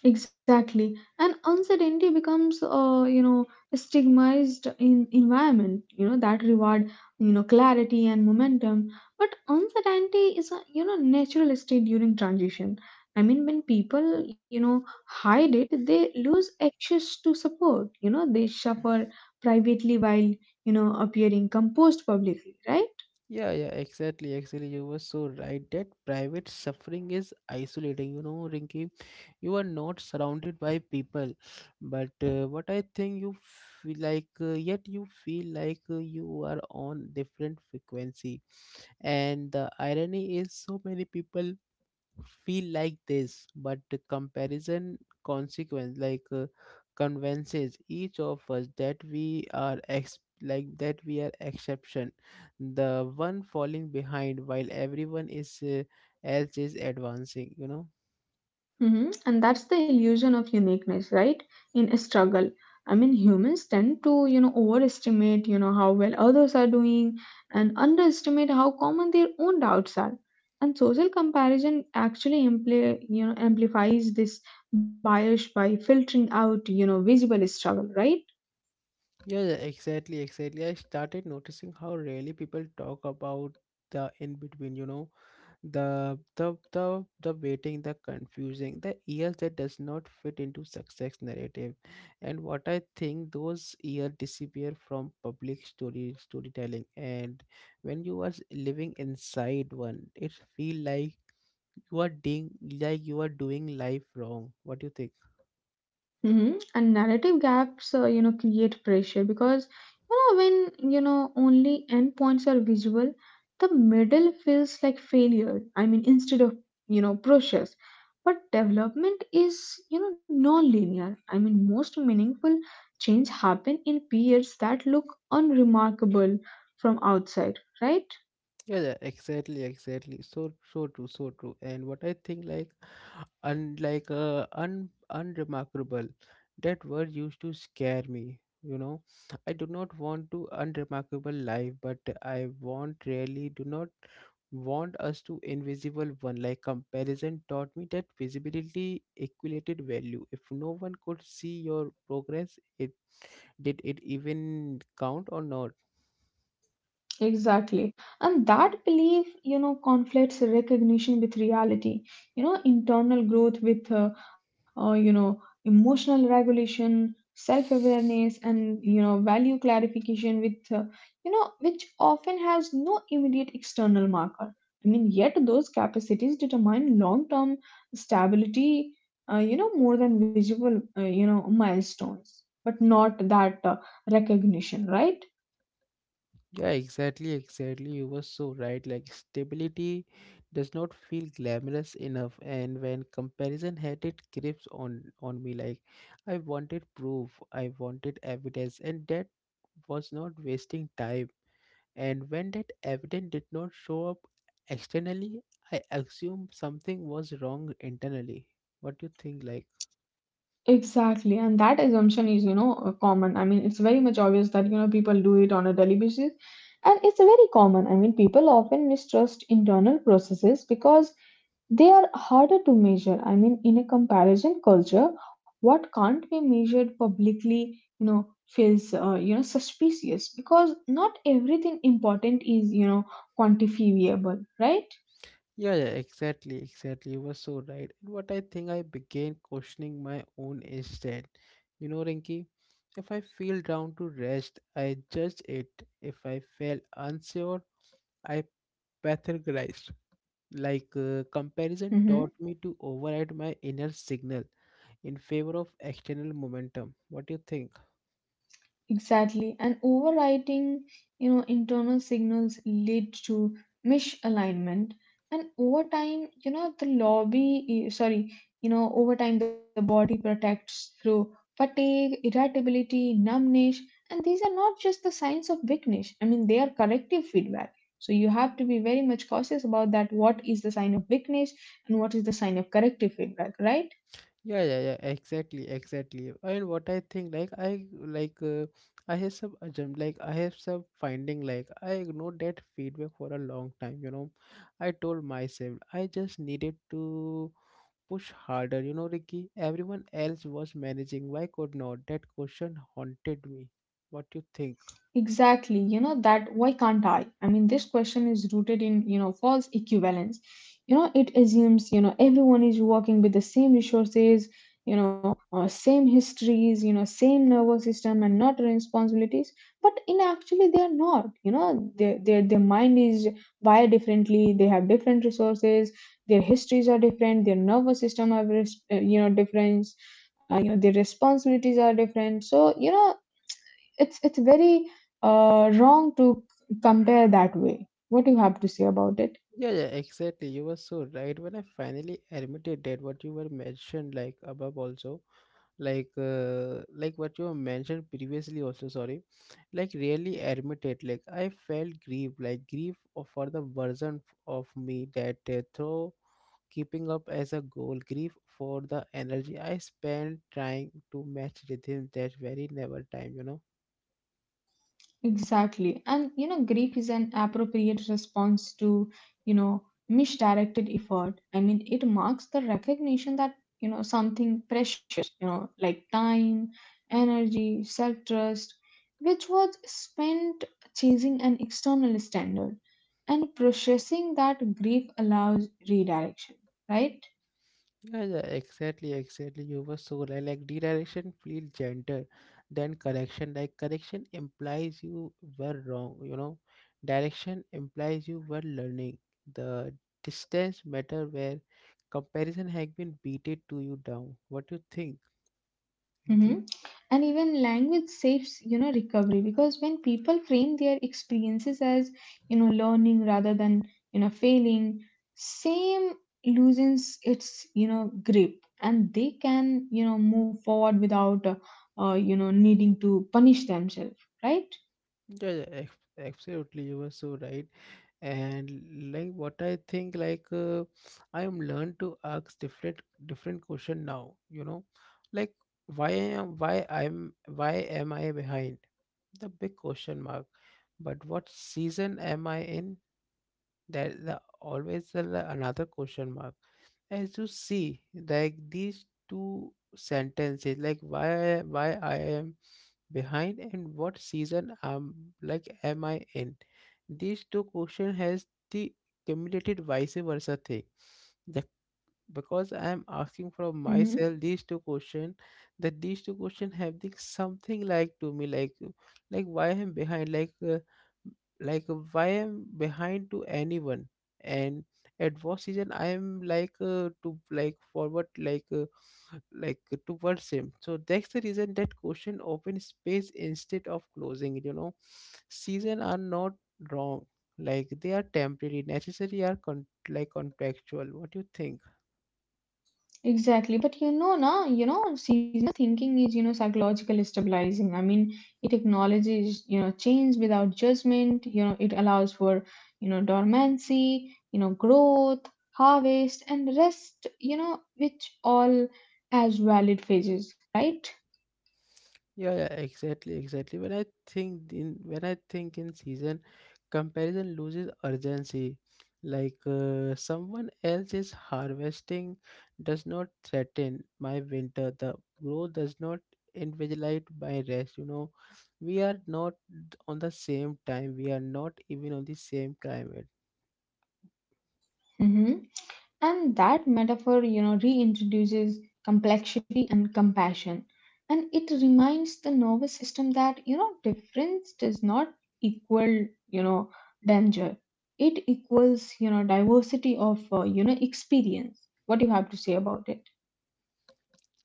Speaker 2: Exactly. And uncertainty becomes, uh, you know, a stigmatized in environment, you know, that reward, you know, clarity and momentum. But uncertainty is a, you know, natural state during transition. I mean, when people, you know, hide it, they lose access to support. You know, they suffer privately while, you know, appearing composed publicly, right?
Speaker 1: Yeah, yeah, exactly, exactly. You were so right that private suffering is isolating. You know, Rinky, you are not surrounded by people, but uh, what I think you feel like, uh, yet you feel like, uh, you are on different frequency. And the irony is, so many people feel like this, but the comparison consequence like uh, convinces each of us that we are ex- like that we are exception, the one falling behind while everyone is uh, else is advancing. You know.
Speaker 2: hmm And that's the illusion of uniqueness, right? In a struggle. I mean, humans tend to, you know, overestimate, you know, how well others are doing and underestimate how common their own doubts are. And social comparison actually ampli- you know, amplifies this bias by filtering out, you know, visible struggle, right?
Speaker 1: Yeah, yeah, exactly, exactly. I started noticing how rarely people talk about the in between. You know, the the the the waiting, the confusing, the years that does not fit into success narrative, and what I think those years disappear from public story storytelling, and when you are living inside one it feel like you are doing, like you are doing life wrong. What do you think?
Speaker 2: hmm And narrative gaps, uh, you know, create pressure, because, you know, when, you know, only endpoints are visual, the middle feels like failure. I mean, instead of, you know, process, but development is, you know, non-linear. I mean, most meaningful change happen in periods that look unremarkable from outside, right?
Speaker 1: Yeah, yeah, exactly, exactly. So, so true, so true. And what I think, like, unlike uh, un unremarkable, that word used to scare me. You know, I do not want to unremarkable life, but I want really do not want us to invisible one. Like comparison taught me that visibility equated value. If no one could see your progress, it did it even count or not?
Speaker 2: Exactly. And that belief, you know, conflicts recognition with reality, you know, internal growth with, uh, uh, you know, emotional regulation, self awareness, and, you know, value clarification with, uh, you know, which often has no immediate external marker. I mean, yet those capacities determine long term stability, uh, you know, more than visible, uh, you know, milestones, but not that uh, recognition, right?
Speaker 1: Yeah, exactly, exactly. You were so right. Like stability does not feel glamorous enough, and when comparison had it grips on on me, like I wanted proof, I wanted evidence, and that was not wasting time. And when that evidence did not show up externally, I assumed something was wrong internally. What do you think? Like.
Speaker 2: Exactly, and that assumption is, you know, uh, common. I mean, it's very much obvious that, you know, people do it on a daily basis, and it's very common. I mean, people often mistrust internal processes because they are harder to measure. I mean, in a comparison culture, what can't be measured publicly, you know, feels, uh, you know, suspicious, because not everything important is, you know, quantifiable, right?
Speaker 1: Yeah, yeah, exactly, exactly. You were so right. And what I think I began questioning my own instead. You know, Rinky, if I feel down to rest, I judged it. If I felt unsure, I pathologized. Like uh, comparison
Speaker 2: hmm
Speaker 1: taught me to override my inner signal in favor of external momentum. What do you think?
Speaker 2: Exactly. And overriding, you know, internal signals lead to misalignment. And over time, you know, the lobby, eh, sorry, you know, over time, the body protects through fatigue, irritability, numbness. And these are not just the signs of weakness. I mean, they are corrective feedback. So you have to be very much cautious about that. What is the sign of weakness and what is the sign of corrective feedback, right?
Speaker 1: Yeah, yeah, yeah, exactly, exactly. And what I think, like, I like, uh, I have some assumption, like, I have some finding, like, I ignored that feedback for a long time, you know. I told myself I just needed to push harder, you know, Ricky. Everyone else was managing, why could not? That question haunted me. What you think?
Speaker 2: Exactly, you know that why can't I? I mean, this question is rooted in you know false equivalence. You know, it assumes you know everyone is working with the same resources, you know, uh, same histories, you know, same nervous system and not responsibilities. But in actually, they are not. You know, their their their mind is wired differently. They have different resources. Their histories are different. Their nervous system have res- uh, you know different. You know, their responsibilities are different. So you know it's it's very uh, wrong to compare that way. What do you have to say about it?
Speaker 1: Yeah, yeah, exactly. You were so right when I finally admitted that what you were mentioned, like, above also. Like uh, like what you mentioned previously also, sorry, like really admit it, like I felt grief, like grief of- for the version f- of me that uh, through keeping up as a goal, grief for the energy I spent trying to match rhythm that very never time, you know.
Speaker 2: Exactly. And you know, grief is an appropriate response to, you know, misdirected effort. I mean, it marks the recognition that, you know, something precious, you know, like time, energy, self-trust, which was spent chasing an external standard and processing that grief allows redirection, right?
Speaker 1: Yeah, yeah, exactly, exactly. You were so right. Like redirection feels gentle than correction. Like correction implies you were wrong, you know. Direction implies you were learning. The distance matter where comparison has been beated to you down. What do you think, Pinky?
Speaker 2: Hmm. And even language saves, you know, recovery because when people frame their experiences as, you know, learning rather than, you know, failing, same loosens its, you know, grip and they can, you know, move forward without, uh, uh, you know, needing to punish themselves, right?
Speaker 1: Yeah, yeah, ex- absolutely. You were so right. And like what I think, like uh, I am learned to ask different different question now, you know, like why am why i'm why am I behind, the big question mark, but what season am I in, that the always the, another question mark. As you see, like these two sentences, like why why I am behind and what season am, like am I in? These two questions has the cumulated vice versa thing because I am asking from myself
Speaker 2: Hmm.
Speaker 1: these two questions, that these two questions have the something like to me, like uh, like why I'm behind like uh, like uh, why I'm behind to anyone, and at what season I am, like uh, to like forward, like uh, like uh, towards him. So that's the reason that question open space instead of closing it, you know. Season are not wrong, like they are temporary, necessary, are con- like contractual. What do you think?
Speaker 2: Exactly, but you know, na, you know, seasonal thinking is, you know, psychologically stabilizing. I mean, it acknowledges, you know, change without judgment. You know, it allows for, you know, dormancy, you know, growth, harvest, and rest. You know, which all as valid phases, right?
Speaker 1: Yeah, yeah, exactly, exactly. When I think in when I think in season, comparison loses urgency. Like uh, someone else is harvesting does not threaten my winter. The growth does not invigilate my rest. You know, we are not on the same time. We are not even on the same climate.
Speaker 2: Mm-hmm. And that metaphor, you know, reintroduces complexity and compassion. And it reminds the nervous system that, you know, difference does not equal, you know, danger. It equals, you know, diversity of, uh, you know, experience. What do you have to say about it?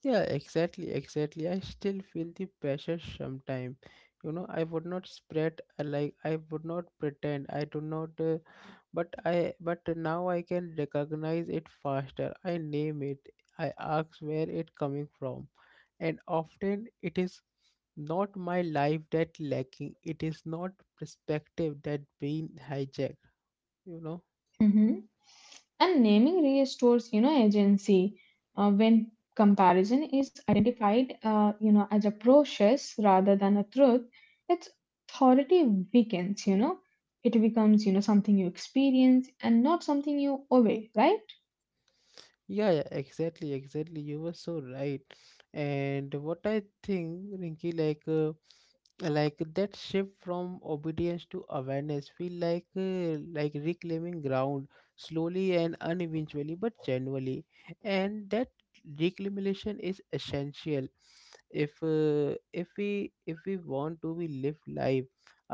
Speaker 1: Yeah, exactly, exactly. I still feel the pressure sometimes. You know, I would not spread uh, like I would not pretend. I do not. Uh, but I but now I can recognize it faster, I name it, I ask where it coming from, and often it is not my life that lacking, it is not perspective that been hijacked, you know.
Speaker 2: Hmm. And naming restores, you know, agency uh, when comparison is identified, uh, you know, as a process rather than a truth. Its authority weakens, you know it becomes you know something you experience and not something you obey, right?
Speaker 1: Yeah, yeah, exactly, exactly. You were so right. And what I think, Rinky, like uh, like that shift from obedience to awareness feel like uh, like reclaiming ground slowly and uneventually but genuinely. And that reclamation is essential if uh, if we if we want to be live life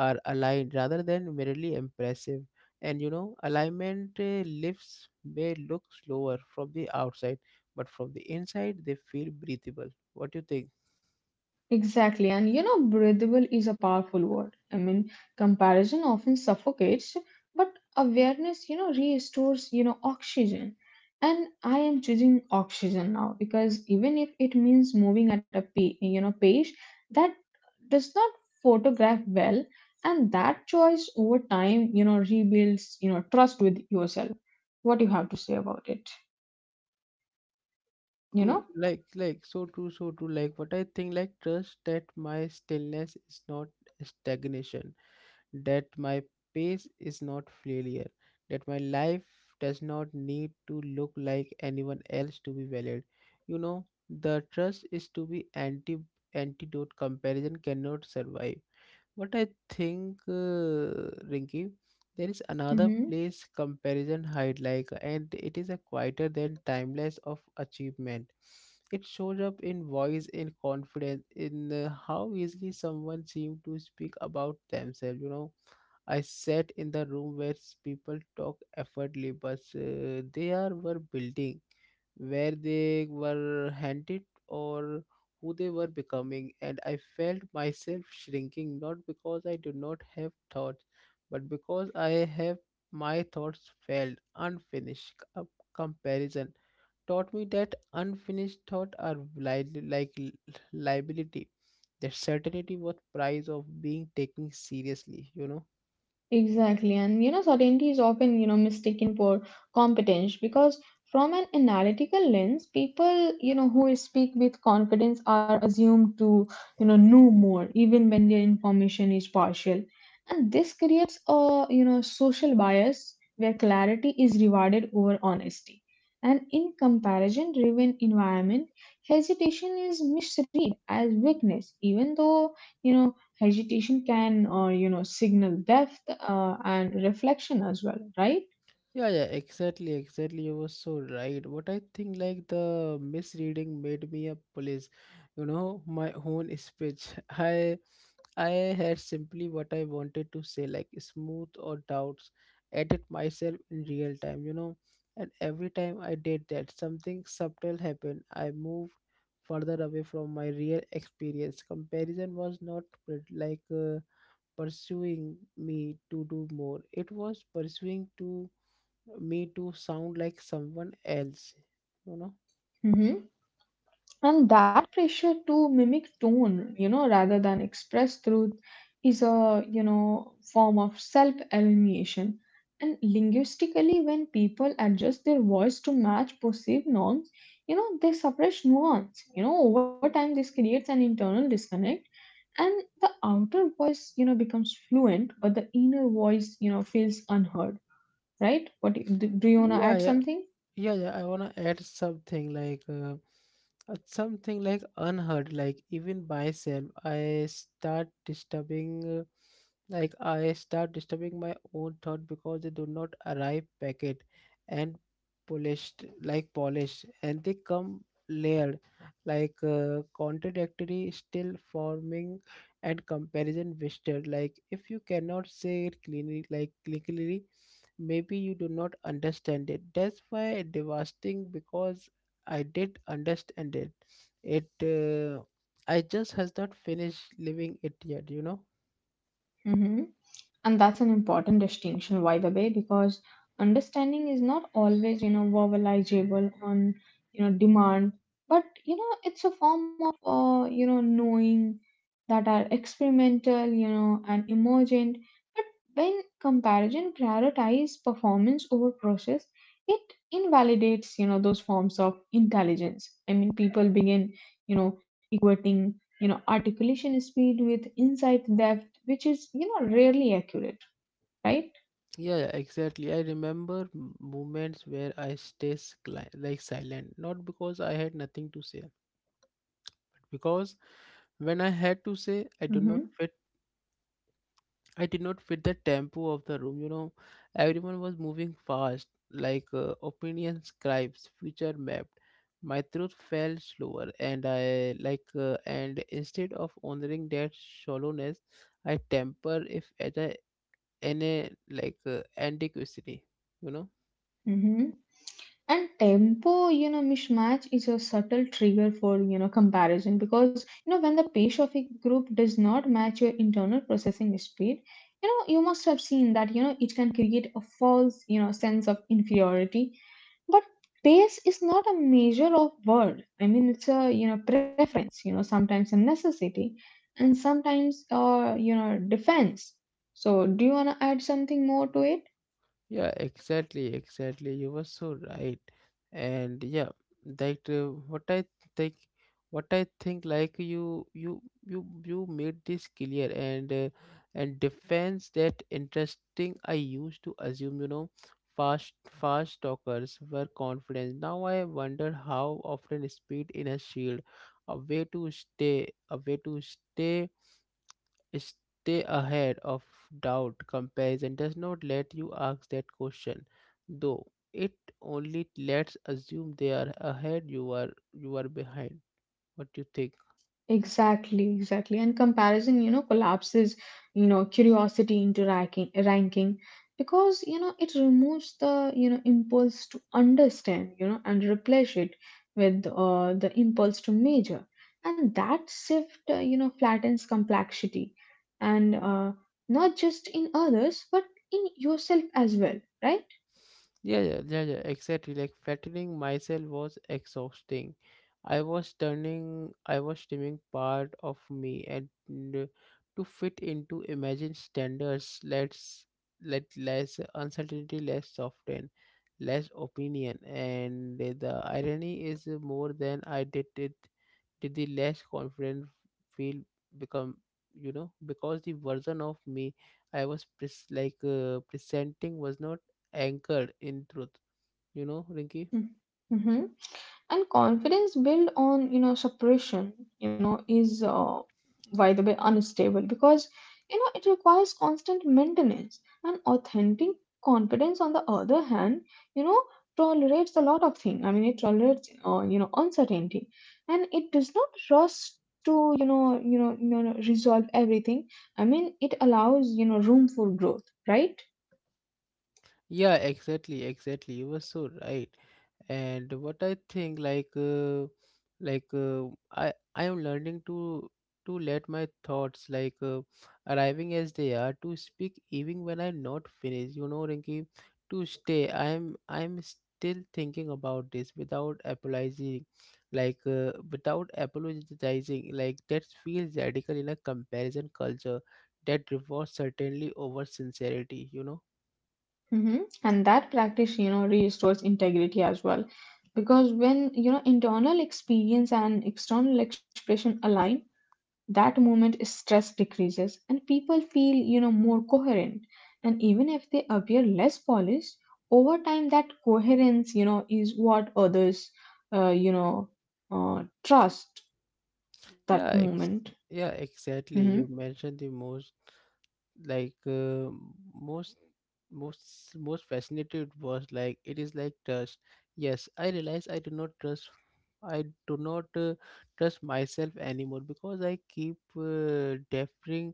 Speaker 1: are aligned rather than merely impressive. And you know alignment uh, lifts may look slower from the outside, but from the inside they feel breathable. What do you think?
Speaker 2: Exactly, and you know breathable is a powerful word. I mean, comparison often suffocates, but awareness you know restores you know oxygen, and I am choosing oxygen now because even if it means moving at a pa- you know pace that does not photograph well. And that choice over time you know rebuilds you know trust with yourself. What do you have to say about it?
Speaker 1: So
Speaker 2: You
Speaker 1: true,
Speaker 2: know.
Speaker 1: like like so true, so true. Like what I think, like trust that my stillness is not stagnation, that my pace is not failure, that my life does not need to look like anyone else to be valid. You know, the trust is to be anti antidote. Comparison cannot survive. What I think, uh, Rinky, there is another
Speaker 2: Mm-hmm.
Speaker 1: place comparison hide like, and it is a quieter than timeless of achievement. It shows up in voice, in confidence, in uh, how easily someone seems to speak about themselves. You know, I sat in the room where s- people talk effortlessly, but uh, they are were building where they were handed or who they were becoming, and I felt myself shrinking not because I did not have thoughts, but because I have my thoughts failed, unfinished. Com- Comparison taught me that unfinished thoughts are li- like li- liability. That certainty was price of being taken seriously, you know.
Speaker 2: Exactly, and you know, certainty is often you know mistaken for competence because from an analytical lens, people you know who speak with confidence are assumed to you know know more, even when their information is partial, and this creates a you know social bias where clarity is rewarded over honesty, and in comparison-driven environment, hesitation is misread as weakness, even though you know hesitation can, uh, you know, signal depth uh, and reflection as well, right?
Speaker 1: Yeah, yeah, exactly, exactly. You were so right. What I think, like the misreading made me a police. You know, my own speech. I I had simply what I wanted to say, like smooth or doubts, edit myself in real time. You know, and every time I did that, something subtle happened. I moved further away from my real experience. Comparison was not like uh, pursuing me to do more. It was pursuing to me to sound like someone else, you know.
Speaker 2: Hmm. And that pressure to mimic tone, you know, rather than express truth, is a you know form of self-elimination. And linguistically, when people adjust their voice to match perceived norms, you know, they suppress nuance. You know, over time, this creates an internal disconnect and the outer voice you know becomes fluent but the inner voice you know feels unheard, right? What do you, do you want to
Speaker 1: Yeah,
Speaker 2: add
Speaker 1: yeah.
Speaker 2: something?
Speaker 1: yeah yeah I want to add something like uh, uh, something like unheard, like even myself I start disturbing, uh, like I start disturbing my own thought because they do not arrive packet and polished, like polished and they come layered, like uh, contradictory, still forming. And comparison wasted, like if you cannot say it cleanly like clearly, maybe you do not understand it. That's why devastating, because I did understand it. it uh, I just has not finished living it yet, you know.
Speaker 2: Mm-hmm. And that's an important distinction, by the way, because understanding is not always, you know, verbalizable on, you know, demand, but, you know, it's a form of, uh, you know, knowing that are experimental, you know, and emergent. But when comparison prioritizes performance over process, it invalidates, you know, those forms of intelligence. I mean, people begin, you know, equating, you know, articulation speed with insight depth, which is, you know, rarely accurate, right?
Speaker 1: Yeah, yeah, exactly. I remember m- moments where I stay scli- like silent, not because I had nothing to say but because when I had to say I do not
Speaker 2: Mm-hmm.
Speaker 1: fit. I did not fit the tempo of the room. You know, everyone was moving fast, like uh, opinion scribes, future mapped. My throat fell slower, and I like, uh, and instead of honoring that shallowness, I temper if at a, in a like uh, antiquity. You know.
Speaker 2: Mm-hmm. And tempo, you know, mismatch is a subtle trigger for, you know, comparison because, you know, when the pace of a group does not match your internal processing speed, you know, you must have seen that, you know, it can create a false, you know, sense of inferiority. But pace is not a measure of word. I mean, it's a you know preference. You know, sometimes a necessity, and sometimes uh you know defense. So, do you wanna add something more to it?
Speaker 1: Yeah, exactly, exactly. You were so right. And yeah, that uh, what I think, what I think, like you, you, you, you made this clear, and uh, and defense that interesting. I used to assume, you know, fast, fast talkers were confident. Now I wonder how often speed in a shield, a way to stay, a way to stay, stay ahead of doubt. Comparison does not let you ask that question, though it only lets assume they are ahead, you are you are behind. What do you think?
Speaker 2: Exactly, exactly. And comparison, you know, collapses, you know, curiosity into ranking, ranking because, you know, it removes the, you know, impulse to understand, you know, and replace it with uh, the impulse to measure. And that shift, uh, you know, flattens complexity and uh, not just in others, but in yourself as well, right?
Speaker 1: Yeah, yeah, yeah, yeah, exactly. Like fattening myself was exhausting. I was turning, I was trimming part of me, and uh, to fit into imagined standards, let's let less uncertainty, less soften, less opinion, and the irony is more than I did it did the less confident feel become, you know, because the version of me I was pres- like uh, presenting was not anchored in truth, you know, Rinky.
Speaker 2: Hmm. Mm-hmm. And confidence built on you know suppression, you know, is uh, by the way unstable because you know it requires constant maintenance. And authentic confidence, on the other hand, you know, tolerates a lot of things. I mean, it tolerates uh, you know uncertainty, and it does not rush to you know you know you know resolve everything. I mean, it allows you know room for growth, right?
Speaker 1: Yeah, exactly, exactly, you were so right. And what I think, like uh, like uh, I i am learning to to let my thoughts like uh, arriving as they are, to speak even when I'm not finished, you know, Rinki, to stay I'm i'm still thinking about this without apologizing, like uh, without apologizing like that feels radical in a comparison culture that rewards certainly over sincerity, you know.
Speaker 2: Mm-hmm. And that practice, you know, restores integrity as well. Because when, you know, internal experience and external expression align, that moment stress decreases and people feel, you know, more coherent. And even if they appear less polished, over time that coherence, you know, is what others, uh, you know, uh, trust that
Speaker 1: yeah ex-
Speaker 2: moment.
Speaker 1: yeah, exactly,
Speaker 2: Mm-hmm.
Speaker 1: you mentioned the most, like uh, most most most fascinated was like it is like trust. Yes, I realize I do not trust, I do not uh, trust myself anymore because I keep uh, deferring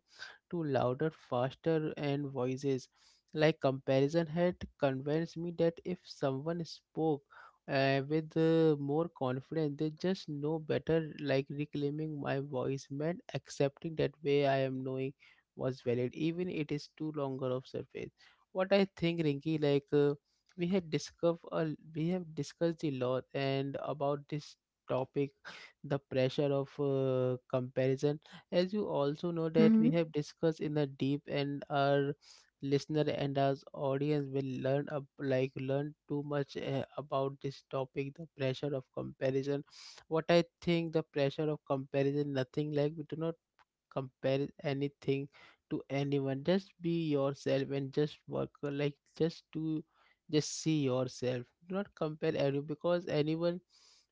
Speaker 1: to louder, faster and voices. Like comparison had convinced me that if someone spoke uh, with uh, more confidence, they just know better. Like reclaiming my voice meant accepting that way I am knowing was valid, even it is too longer of surface. What I think, Rinki, like uh, we had discussed uh, we have discussed a lot and about this topic. The pressure of uh, comparison, as you also know that we
Speaker 2: Mm-hmm.
Speaker 1: have discussed in the deep, and our listener and our audience will learn up like learn too much uh, about this topic, the pressure of comparison. What I think the pressure of comparison, nothing like we do not compare anything to anyone. Just be yourself and just work, like just do, just see yourself. Do not compare everyone because anyone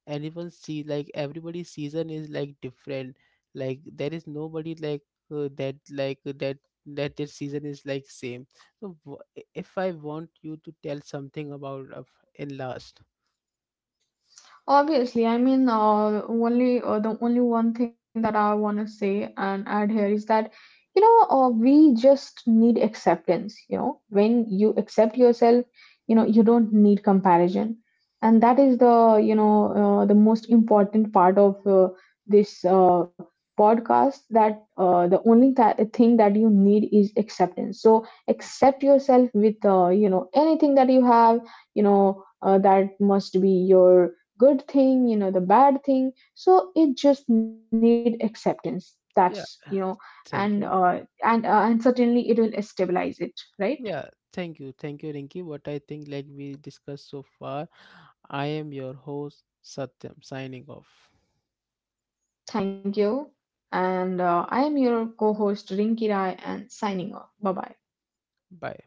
Speaker 1: anyone see, like everybody's season is like different. Like there is nobody like uh, that like that that their season is like same. So w- if I want you to tell something about uh, in last,
Speaker 2: Obviously, I mean, uh, only uh, the only one thing that I want to say and add here is that, you know, uh, we just need acceptance. You know, when you accept yourself, you know, you don't need comparison, and that is the, you know, uh, the most important part of uh, this uh, podcast. That uh, the only th- thing that you need is acceptance. So accept yourself with, uh, you know, anything that you have. You know, uh, that must be your good thing you know the bad thing so it just need acceptance that's you
Speaker 1: yeah,
Speaker 2: know and uh,
Speaker 1: thank you.
Speaker 2: and uh, and certainly it will stabilize it, right?
Speaker 1: Yeah, thank you. Thank you, Rinki. What I think, like we discussed so far, I am your host, Satyam, signing off.
Speaker 2: Thank you. And uh, I am your co-host Rinki Rai and signing off, bye bye.
Speaker 1: Bye.